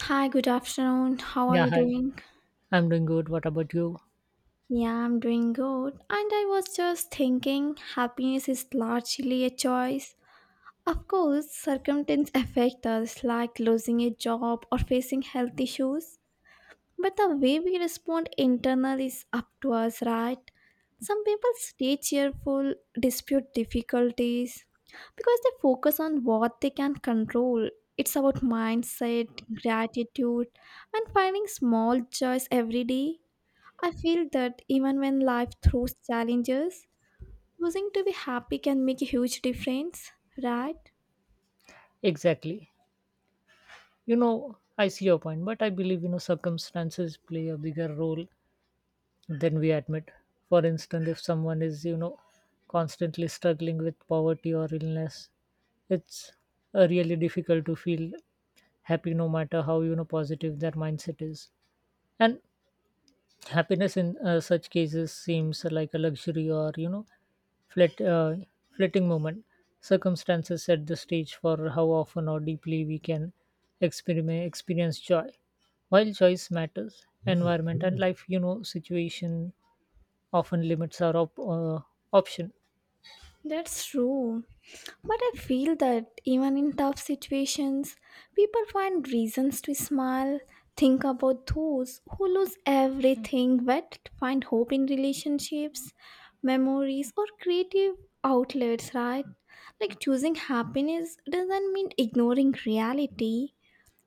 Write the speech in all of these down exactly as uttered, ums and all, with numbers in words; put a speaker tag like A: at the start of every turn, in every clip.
A: Hi, good afternoon. How are
B: Yeah,
A: you
B: hi.
A: doing?
B: I'm doing good. What about you?
A: Yeah, I'm doing good. And I was just thinking, happiness is largely a choice. Of course, circumstances affect us, like losing a job or facing health issues. But the way we respond internal is up to us, right? Some people stay cheerful, dispute difficulties, because they focus on what they can control. It's about mindset, gratitude, and finding small joys every day. I feel that even when life throws challenges, choosing to be happy can make a huge difference, right?
B: Exactly. You know, I see your point, but I believe, you know, circumstances play a bigger role than we admit. For instance, if someone is, you know, constantly struggling with poverty or illness, it's uh, really difficult to feel happy no matter how, you know, positive their mindset is. And happiness in uh, such cases seems like a luxury or you know flit, uh, flitting moment. Circumstances set the stage for how often or deeply we can experiment, experience joy, while choice matters. Environment and life you know situation often limits our op- uh, option.
A: That's true. But I feel that even in tough situations, people find reasons to smile. Think about those who lose everything but find hope in relationships, memories, or creative outlets, right? Like choosing happiness doesn't mean ignoring reality.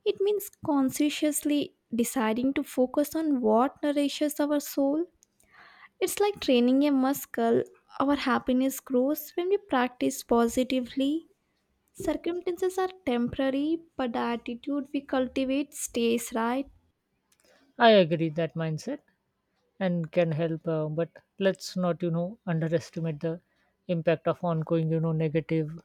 A: It means consciously deciding to focus on what nourishes our soul. It's like training a muscle. Our happiness grows when we practice positively. Circumstances are temporary, but the attitude we cultivate stays right.
B: I agree that mindset and can help uh, but let's not you know underestimate the impact of ongoing you know negative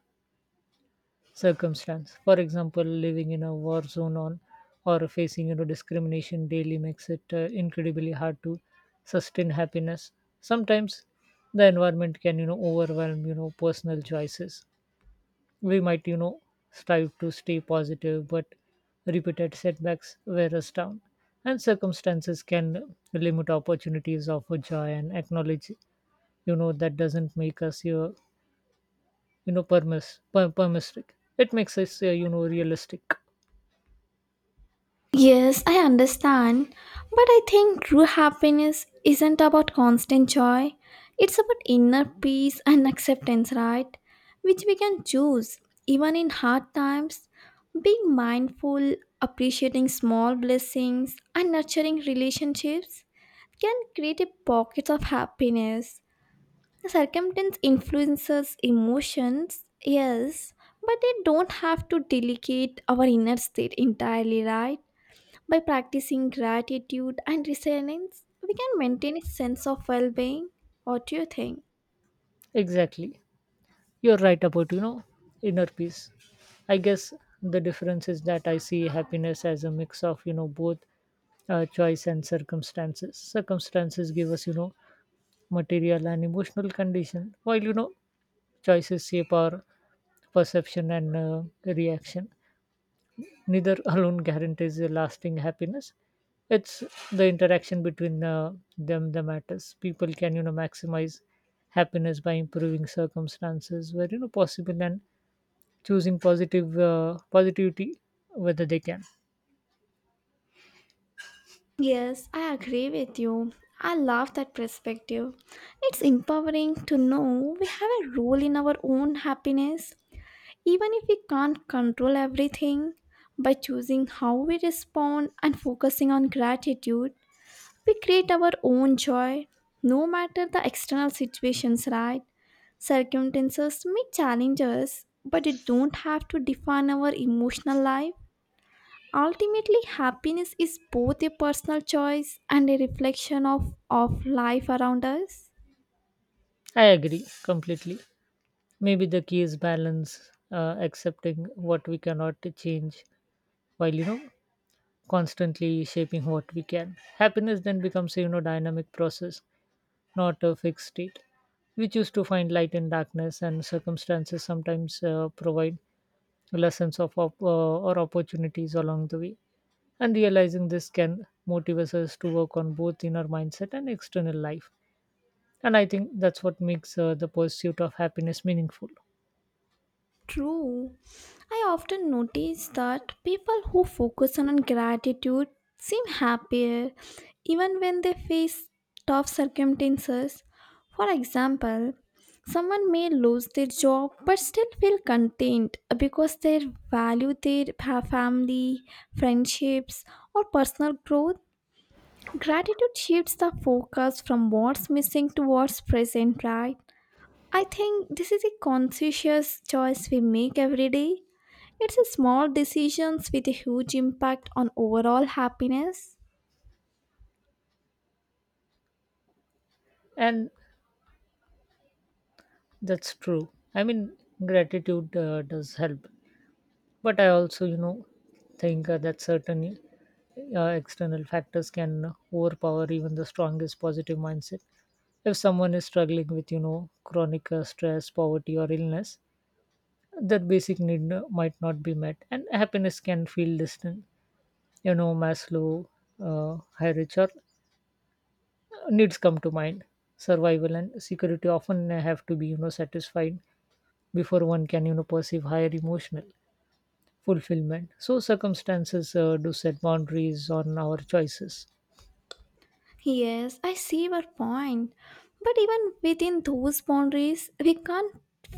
B: circumstance. For example, living in a war zone on or facing you know discrimination daily makes it uh, incredibly hard to sustain happiness. Sometimes the environment can you know overwhelm you know personal choices. We might you know strive to stay positive, but repeated setbacks wear us down, and circumstances can limit opportunities of joy and acknowledge you know that doesn't make us your you know permis per- permissive. It makes us uh, you know realistic.
A: Yes, I understand. But I think true happiness isn't about constant joy. It's about inner peace and acceptance, right? Which we can choose even in hard times. Being mindful, appreciating small blessings, and nurturing relationships can create a pocket of happiness. The circumstance influences emotions, yes, but they don't have to delegate our inner state entirely, right? By practicing gratitude and resilience, we can maintain a sense of well being. What do you think?
B: Exactly. You're right about, you know, inner peace. I guess the difference is that I see happiness as a mix of, you know, both uh, choice and circumstances. Circumstances give us, you know, material and emotional condition, while, you know, choices shape our perception and uh, reaction. Neither alone guarantees a lasting happiness. It's the interaction between uh, them that matters. People can you know maximize happiness by improving circumstances where you know possible and choosing positive uh, positivity, whether they can.
A: Yes, I agree with you. I love that perspective. It's empowering to know we have a role in our own happiness. Even if we can't control everything, by choosing how we respond and focusing on gratitude, we create our own joy, no matter the external situations, right? Circumstances may challenge us, but it don't have to define our emotional life. Ultimately, happiness is both a personal choice and a reflection of, of life around us.
B: I agree completely. Maybe the key is balance, uh, accepting what we cannot change while you know constantly shaping what we can. Happiness then becomes a you know dynamic process, not a fixed state. We choose to find light in darkness, and circumstances sometimes uh, provide lessons of op- uh, or opportunities along the way. And realizing this can motivate us to work on both inner mindset and external life. And I think that's what makes uh, the pursuit of happiness meaningful.
A: True. I often notice that people who focus on gratitude seem happier even when they face tough circumstances. For example, someone may lose their job but still feel content because they value their pa- family, friendships, or personal growth. Gratitude shifts the focus from what's missing to what's present, right? I think this is a conscious choice we make every day. It's a small decisions with a huge impact on overall happiness.
B: And that's true. I mean, gratitude uh, does help, but I also you know think uh, that certain uh, external factors can overpower even the strongest positive mindset. If someone is struggling with you know chronic uh, stress, poverty, or illness, that basic need uh, might not be met, and happiness can feel distant. You know maslow uh, hierarchy or needs come to mind. Survival and security often have to be you know satisfied before one can you know perceive higher emotional fulfillment. So, circumstances uh, do set boundaries on our choices.
A: Yes, I see your point. But even within those boundaries, we can't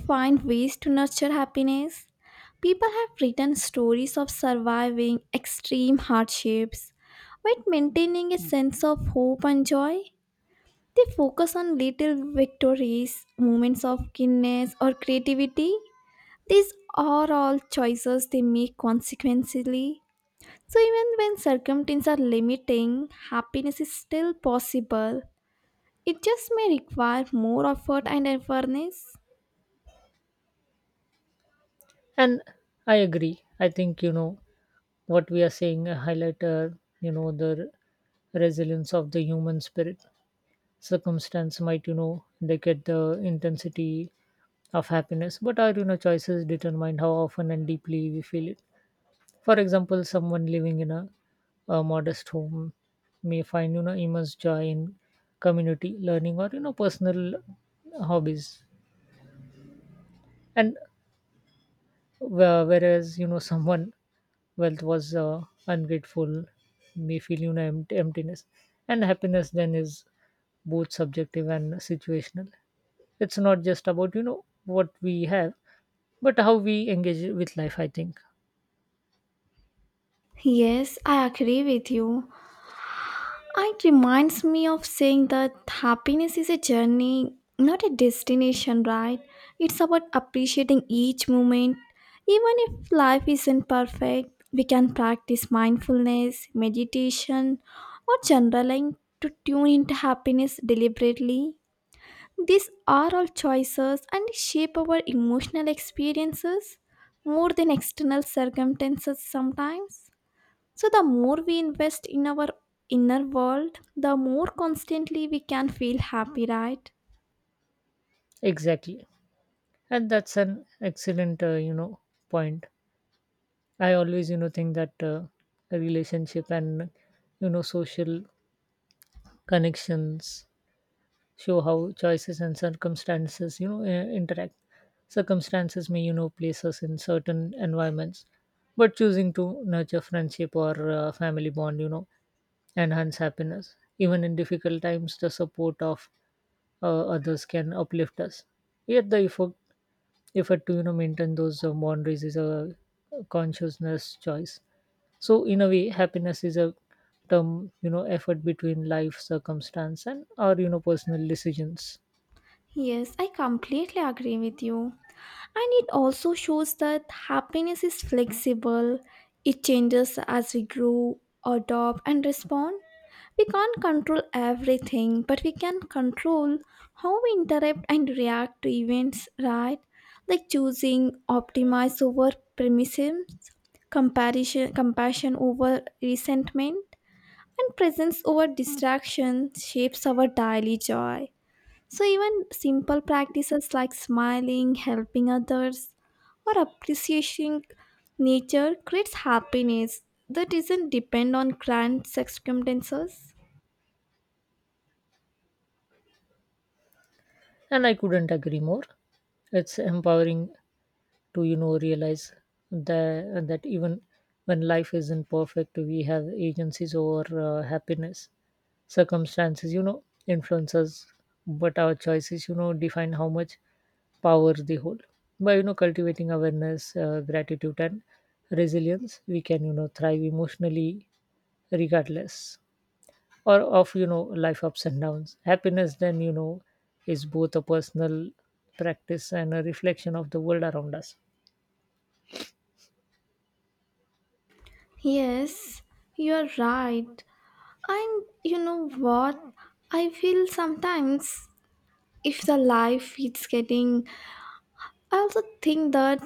A: find ways to nurture happiness. People have written stories of surviving extreme hardships while maintaining a sense of hope and joy. They focus on little victories, moments of kindness, or creativity. These are all choices they make consequently. So, even when circumstances are limiting, happiness is still possible. It just may require more effort and awareness.
B: And I agree. I think, you know, what we are saying uh, highlight, uh, you know, the r- resilience of the human spirit. Circumstance might, you know, indicate the intensity of happiness, but our, you know, choices determine how often and deeply we feel it. For example, someone living in a, a modest home may find, you know, immense joy in community learning or, you know, personal hobbies, and wh- whereas you know someone wealth was uh, ungrateful may feel you know empt- emptiness. And happiness then is both subjective and situational. It's not just about you know what we have, but how we engage with life, I think.
A: Yes, I agree with you. It reminds me of saying that happiness is a journey, not a destination, right? It's about appreciating each moment. Even if life isn't perfect, we can practice mindfulness, meditation, or journaling to tune into happiness deliberately. These are all choices and shape our emotional experiences more than external circumstances sometimes. So, the more we invest in our inner world, the more constantly we can feel happy, right?
B: Exactly. And that's an excellent uh, you know point. I always you know think that uh, a relationship and you know social connections show how choices and circumstances you know i- interact. Circumstances may you know place us in certain environments, but choosing to nurture friendship or uh, family bond you know enhance happiness even in difficult times. The support of uh, others can uplift us, yet the effort, effort to you know maintain those uh, boundaries is a consciousness choice. So in a way, happiness is a term you know effort between life circumstance and our you know personal decisions.
A: Yes, I completely agree with you. And it also shows that happiness is flexible, it changes as we grow, adopt, and respond. We can't control everything, but we can control how we interrupt and react to events, right? Like choosing optimize over premises, comparison, compassion over resentment, and presence over distraction shapes our daily joy. So, even simple practices like smiling, helping others, or appreciating nature creates happiness that doesn't depend on grand circumstances.
B: And I couldn't agree more. It's empowering to you know realize that that even when life isn't perfect, we have agencies over uh, happiness. Circumstances, you know, influence us, but our choices, you know, define how much power they hold. By you know cultivating awareness, uh, gratitude, and resilience, we can you know thrive emotionally, regardless or of you know life ups and downs. Happiness then you know is both a personal practice and a reflection of the world around us.
A: Yes, you're right. And you know what? I feel sometimes if the life it's getting, I also think that,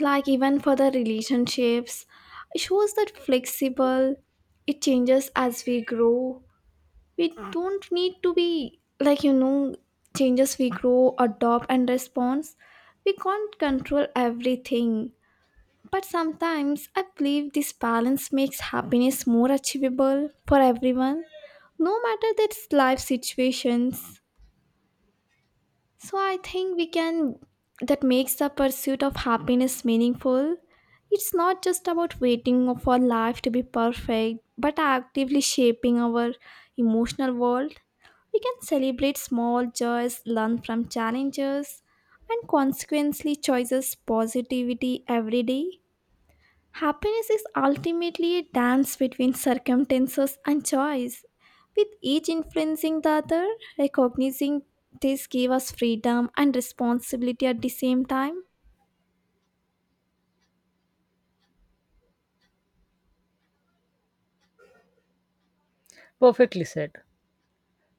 A: like, even for the relationships, it shows that flexible, it changes as we grow. We don't need to be, like, you know, changes we grow, adopt, and respond. We can't control everything. But sometimes I believe this balance makes happiness more achievable for everyone, no matter their life situations. So I think we can, that makes the pursuit of happiness meaningful. It's not just about waiting for life to be perfect, but actively shaping our emotional world. We can celebrate small joys, learn from challenges, and consequently choices positivity every day. Happiness is ultimately a dance between circumstances and choice, with each influencing the other. Recognizing this gave us freedom and responsibility at the same time.
B: Perfectly said.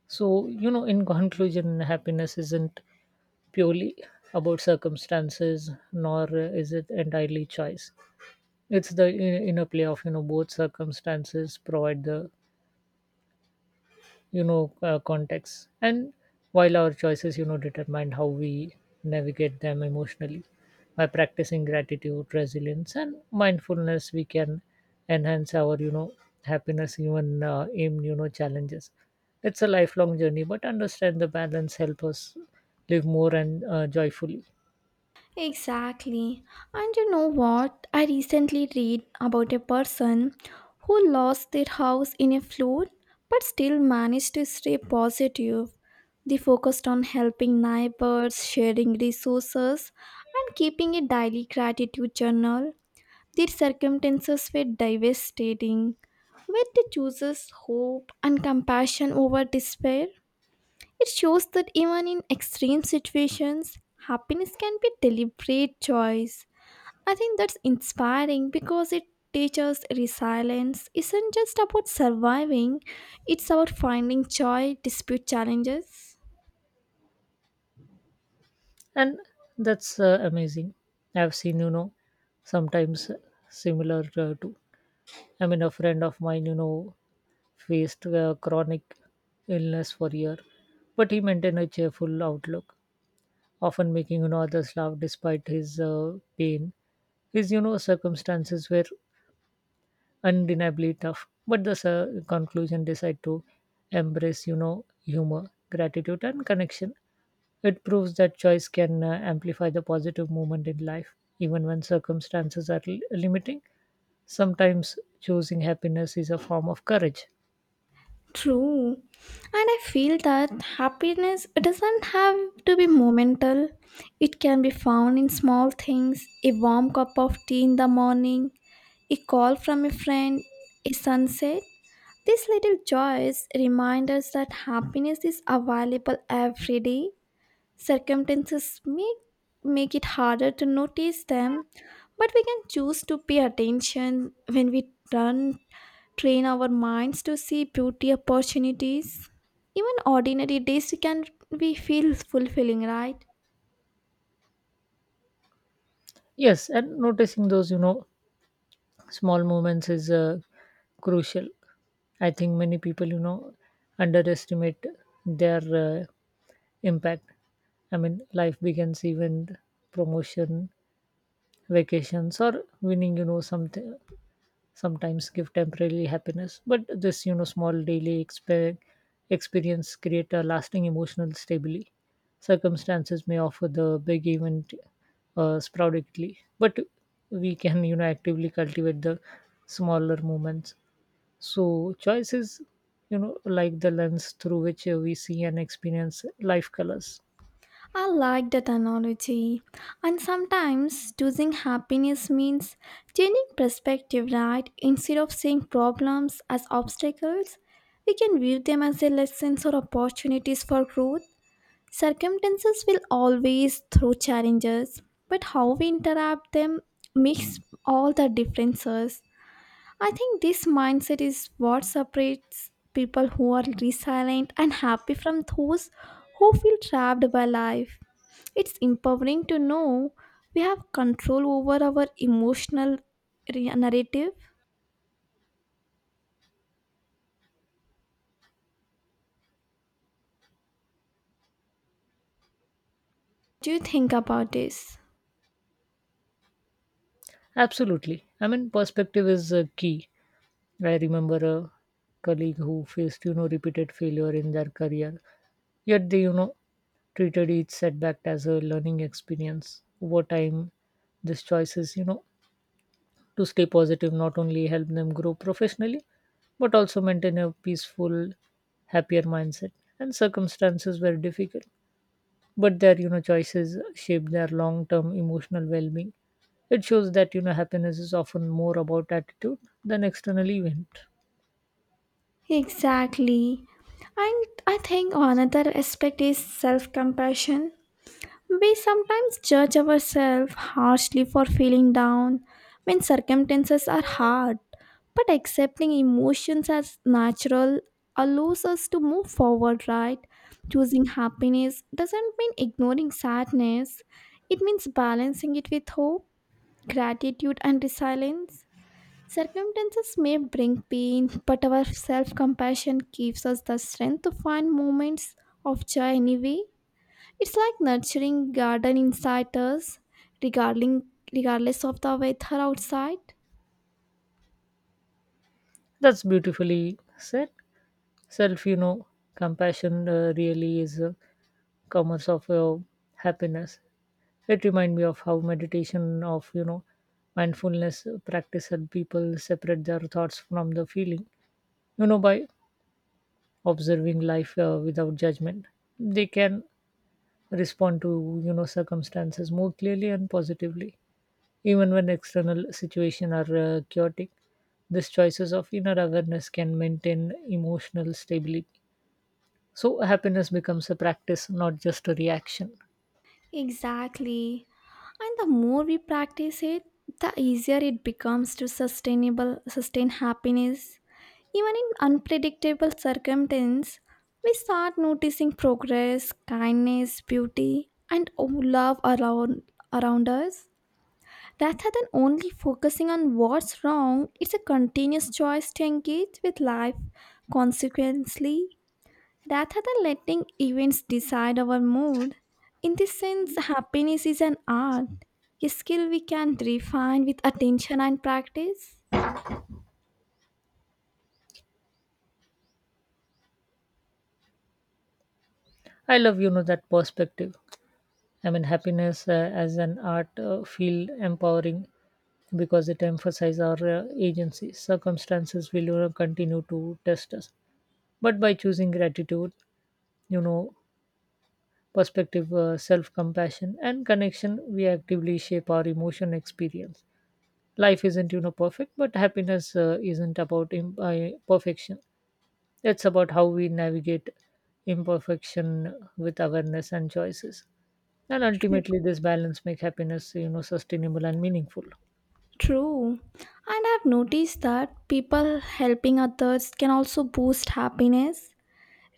B: So, you know in conclusion, happiness isn't purely about circumstances, nor uh, is it entirely choice. It's the i- inner play of you know both. Circumstances provide the you know uh, context, and while our choices you know determine how we navigate them emotionally. By practicing gratitude, resilience, and mindfulness, we can enhance our you know happiness even uh, in you know challenges. It's a lifelong journey, but understand the balance help us live more and uh, joyfully.
A: Exactly. And you know what? I recently read about a person who lost their house in a flood but still managed to stay positive. They focused on helping neighbors, sharing resources, and keeping a daily gratitude journal. Their circumstances were devastating, yet they chooses hope and compassion over despair. It shows that even in extreme situations, happiness can be deliberate choice. I think that's inspiring because it teaches resilience isn't just about surviving, it's about finding joy despite challenges.
B: And that's uh, amazing. I've seen you know sometimes similar uh, too. I mean, a friend of mine, you know, faced a chronic illness for a year, but he maintained a cheerful outlook, often making you know others laugh despite his uh, pain. His you know circumstances were undeniably tough, but the uh, conclusion decided to embrace you know humor, gratitude, and connection. It proves that choice can uh, amplify the positive movement in life, even when circumstances are l- limiting. Sometimes choosing happiness is a form of courage.
A: True. And I feel that happiness doesn't have to be momental. It can be found in small things, a warm cup of tea in the morning, a call from a friend, a sunset. These little joys remind us that happiness is available every day. Circumstances may make it harder to notice them, but we can choose to pay attention when we turn train our minds to see beauty opportunities. Even ordinary days we can we feel fulfilling, right?
B: Yes, and noticing those you know small moments is uh, crucial. I think many people you know underestimate their uh, impact. I mean, life begins even promotion, vacations, or winning you know something sometimes give temporary happiness, but this you know small daily exper- experience create a lasting emotional stability. Circumstances may offer the big event uh, sporadically, but we can you know actively cultivate the smaller moments. So choice is you know like the lens through which uh, we see and experience life colors.
A: I like that analogy. And sometimes choosing happiness means changing perspective, right? Instead of seeing problems as obstacles, we can view them as a lessons or opportunities for growth. Circumstances will always throw challenges, but how we interact them makes all the differences. I think this mindset is what separates people who are resilient and happy from those who feel trapped by life. It's empowering to know we have control over our emotional re- narrative. Do you think about this?
B: Absolutely. I mean, perspective is uh, key. I remember a colleague who faced you know repeated failure in their career. Yet they, you know, treated each setback as a learning experience. Over time, these choices, you know, to stay positive not only help them grow professionally, but also maintain a peaceful, happier mindset. And circumstances were difficult, but their, you know, choices shaped their long-term emotional well-being. It shows that, you know, happiness is often more about attitude than external event.
A: Exactly. And I think another aspect is self compassion. We sometimes judge ourselves harshly for feeling down when circumstances are hard, but accepting emotions as natural allows us to move forward, right? Choosing happiness doesn't mean ignoring sadness, it means balancing it with hope, gratitude, and resilience. Circumstances may bring pain, but our self compassion gives us the strength to find moments of joy anyway. It's like nurturing garden inside us, regarding, regardless of the weather outside.
B: That's beautifully said. Self you know compassion uh, really is a commerce of uh, happiness. It reminds me of how meditation of you know mindfulness practice help people separate their thoughts from the feeling. You know by observing life uh, without judgment, they can respond to you know circumstances more clearly and positively, even when external situations are uh, chaotic. These choices of inner awareness can maintain emotional stability. So happiness becomes a practice, not just a reaction.
A: Exactly. And the more we practice it, the easier it becomes to sustainable sustain happiness. Even in unpredictable circumstances, we start noticing progress, kindness, beauty, and oh, love around around us. Rather than only focusing on what's wrong, it's a continuous choice to engage with life consequently, rather than letting events decide our mood. In this sense, happiness is an art, a skill we can refine with attention and practice.
B: I love you know that perspective. I mean, happiness uh, as an art uh, feel empowering because it emphasizes our uh, agency. Circumstances will you know, continue to test us, but by choosing gratitude, you know, perspective, uh, self-compassion, and connection, we actively shape our emotion experience. Life isn't you know perfect, but happiness uh, isn't about imp- uh, perfection. It's about how we navigate imperfection with awareness and choices. And ultimately, this balance make happiness, you know, sustainable and meaningful.
A: True, and I've noticed that people helping others can also boost happiness,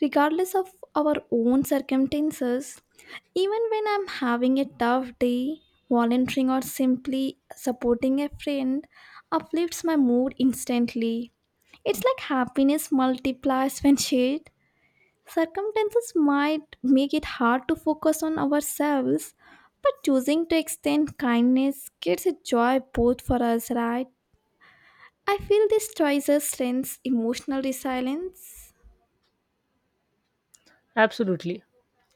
A: regardless of our own circumstances. Even when I'm having a tough day, volunteering or simply supporting a friend uplifts my mood instantly. It's like happiness multiplies when shared. Circumstances might make it hard to focus on ourselves, but choosing to extend kindness gives a joy both for us, right? I feel these choices strengthens emotional resilience.
B: Absolutely.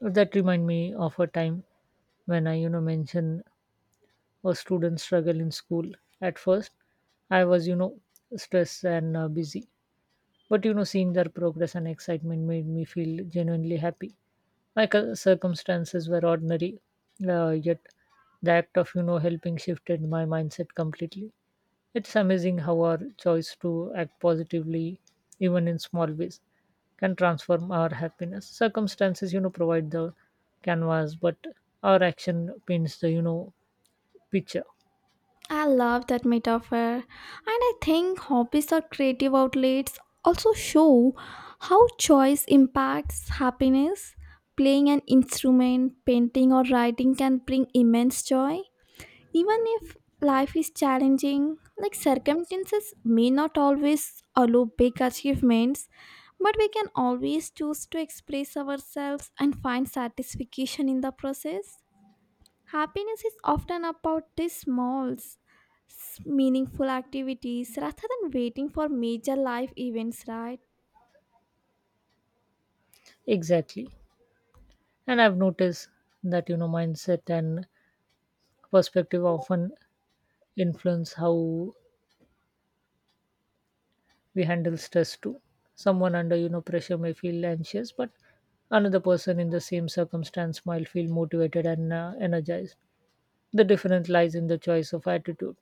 B: That remind me of a time when I, you know, mention a student struggle in school. At first, I was, you know, stressed and uh, busy. But, you know, seeing their progress and excitement made me feel genuinely happy. My cir- circumstances were ordinary, uh, yet the act of you know helping shifted my mindset completely. It's amazing how our choice to act positively, even in small ways, can transform our happiness. Circumstances you know provide the canvas, but our action paints the you know picture.
A: I love that metaphor. And I think hobbies or creative outlets also show how choice impacts happiness. Playing an instrument, painting, or writing can bring immense joy. Even if life is challenging, like circumstances may not always allow big achievements, but we can always choose to express ourselves and find satisfaction in the process. Happiness is often about these small, s- meaningful activities rather than waiting for major life events, right?
B: Exactly. And I've noticed that you know mindset and perspective often influence how we handle stress too. Someone under you know pressure may feel anxious, but another person in the same circumstance might feel motivated and uh, energized. The difference lies in the choice of attitude.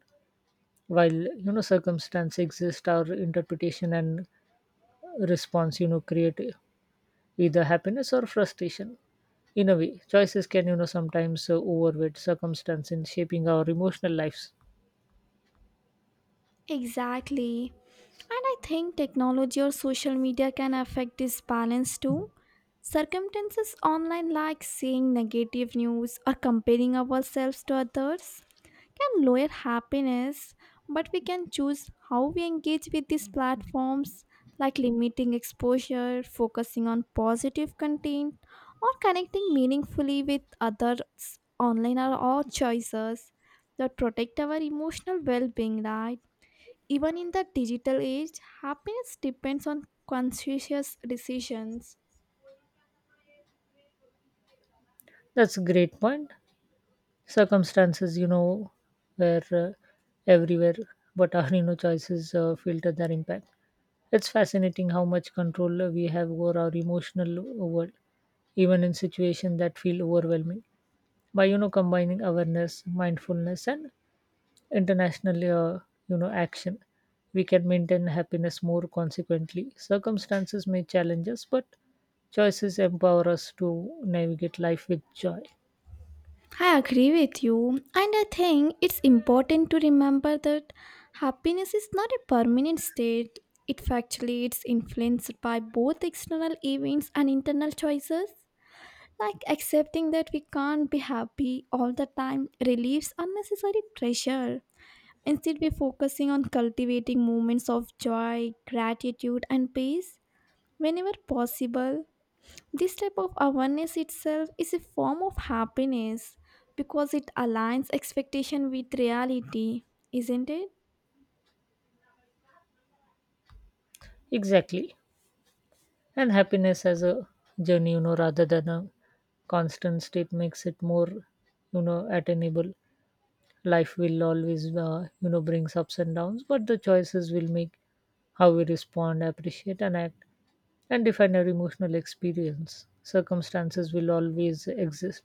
B: While you know circumstance exist, our interpretation and response you know create either happiness or frustration. In a way, choices can you know sometimes uh, overweight circumstance in shaping our emotional lives.
A: Exactly. And I think technology or social media can affect this balance too. Circumstances online like seeing negative news or comparing ourselves to others can lower happiness, but we can choose how we engage with these platforms, like limiting exposure, focusing on positive content, or connecting meaningfully with others online are all choices that protect our emotional well being, right? Even in the digital age, happiness depends on conscious decisions.
B: That's a great point. Circumstances, you know where uh, everywhere, but our you know choices uh, filter their impact. It's fascinating how much control uh, we have over our emotional world, even in situations that feel overwhelming. By you know combining awareness, mindfulness, and international uh, you know action, we can maintain happiness more consequently. Circumstances may challenge us, but choices empower us to navigate life with joy.
A: I agree with you, and I think it's important to remember that happiness is not a permanent state. It actually fluctuates, influenced by both external events and internal choices. Like accepting that we can't be happy all the time relieves unnecessary pressure. Instead, we're focusing on cultivating moments of joy, gratitude, and peace whenever possible. This type of awareness itself is a form of happiness because it aligns expectation with reality, isn't it?
B: Exactly. And happiness as a journey, you know rather than a constant state, makes it more you know attainable. Life will always uh, you know brings ups and downs, but the choices will make how we respond, appreciate, and act and define our emotional experience. Circumstances will always exist,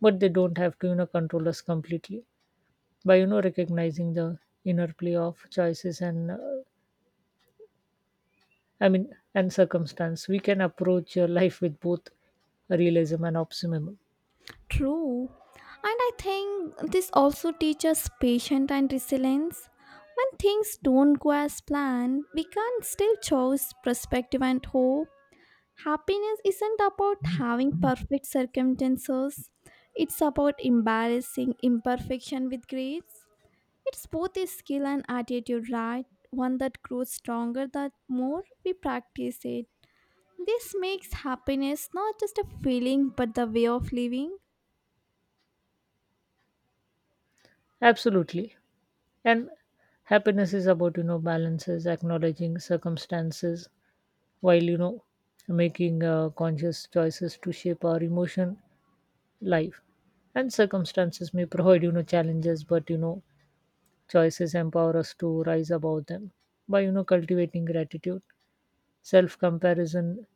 B: but they don't have to you know control us completely. By you know recognizing the inner play of choices and uh, I mean, and circumstance, we can approach uh, life with both realism and optimism.
A: True. And I think this also teaches patience and resilience. When things don't go as planned, we can still choose perspective and hope. Happiness isn't about having perfect circumstances, it's about embarrassing imperfection with grace. It's both a skill and attitude, right? One that grows stronger the more we practice it. This makes happiness not just a feeling but the way of living.
B: Absolutely. And happiness is about, you know, balances, acknowledging circumstances while, you know, making uh, conscious choices to shape our emotion life. And circumstances may provide, you know, challenges, but, you know, choices empower us to rise above them by, you know, cultivating gratitude, self comparison,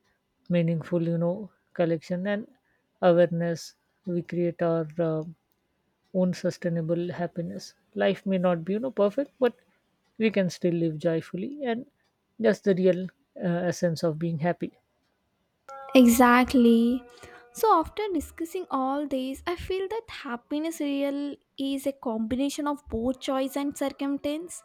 B: meaningful you know collection, and awareness. We create our uh, own sustainable happiness. Life may not be you know perfect, but we can still live joyfully, and that's the real uh, essence of being happy.
A: Exactly. So after discussing all this, I feel that happiness real is a combination of both choice and circumstance.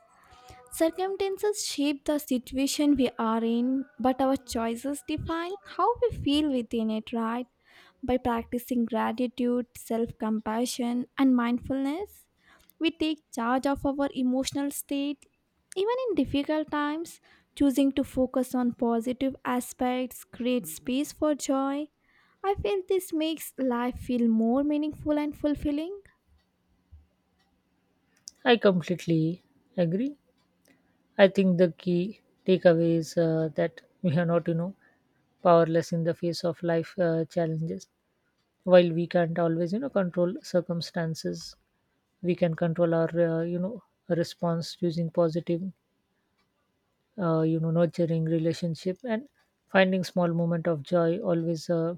A: Circumstances shape the situation we are in, but our choices define how we feel within it, right? By practicing gratitude, self compassion, and mindfulness, we take charge of our emotional state. Even in difficult times, choosing to focus on positive aspects creates space for joy. I feel this makes life feel more meaningful and fulfilling.
B: I completely agree. I think the key takeaway is uh, that we are not you know powerless in the face of life uh, challenges. While we can't always you know control circumstances, we can control our uh, you know response, using positive uh, you know nurturing relationship and finding small moment of joy always uh,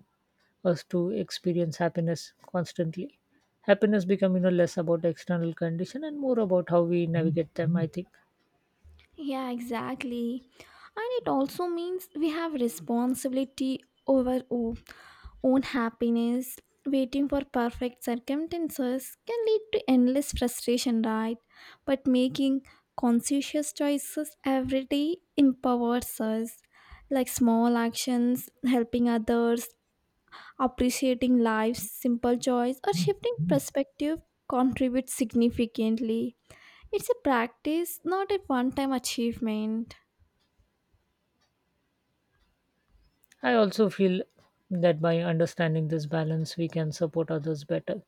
B: us to experience happiness constantly. Happiness become you know less about external condition and more about how we navigate them, I think.
A: Yeah, exactly. And it also means we have responsibility over our own happiness. Waiting for perfect circumstances can lead to endless frustration, right? But making conscientious choices every day empowers us, like small actions, helping others, appreciating life's simple joys, or shifting perspective contribute significantly. It's a practice, not a one time achievement.
B: I also feel that by understanding this balance we can support others better.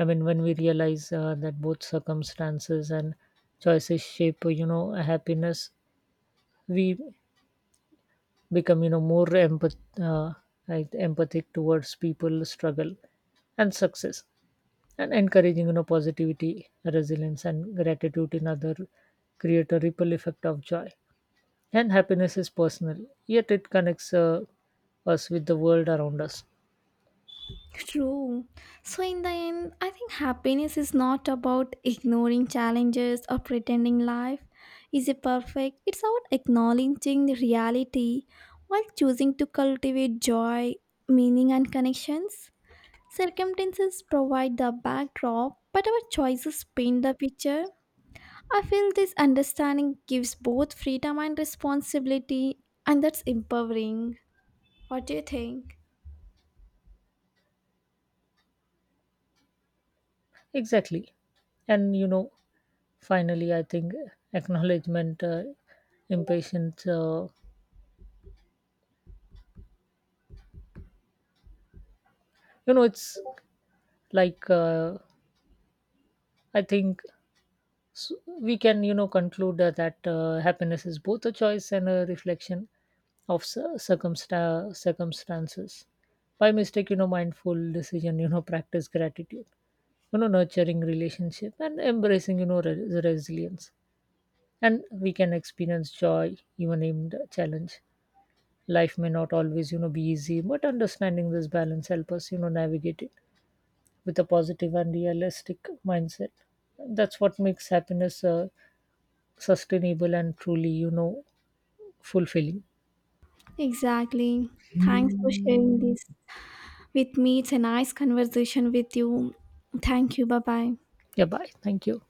B: I mean, when we realize uh, that both circumstances and choices shape uh, you know happiness, we become you know more empath- uh, right, empathic towards people struggle and success. And encouraging you know positivity, resilience, and gratitude in other create a ripple effect of joy. And happiness is personal, yet it connects uh, us with the world around us.
A: True. So, in the end, I think happiness is not about ignoring challenges or pretending life is a perfect. It's about acknowledging the reality while choosing to cultivate joy, meaning, and connections. Circumstances provide the backdrop, but our choices paint the picture. I feel this understanding gives both freedom and responsibility, and that's empowering. What do you think?
B: Exactly. And you know finally, I think acknowledgement uh, impatience, uh, you know it's like uh, I think, so we can you know conclude uh, that uh, happiness is both a choice and a reflection of cir- circumsta- circumstances. By mistake, you know mindful decision, you know practice gratitude, you know nurturing relationship, and embracing, you know re- resilience, and we can experience joy even in the challenge. Life may not always you know be easy, but understanding this balance help us you know navigate it with a positive and realistic mindset. That's what makes happiness uh, sustainable and truly you know fulfilling.
A: Exactly. Thanks for sharing this with me. It's a nice conversation with you. Thank you. Bye bye.
B: Yeah, bye, thank you.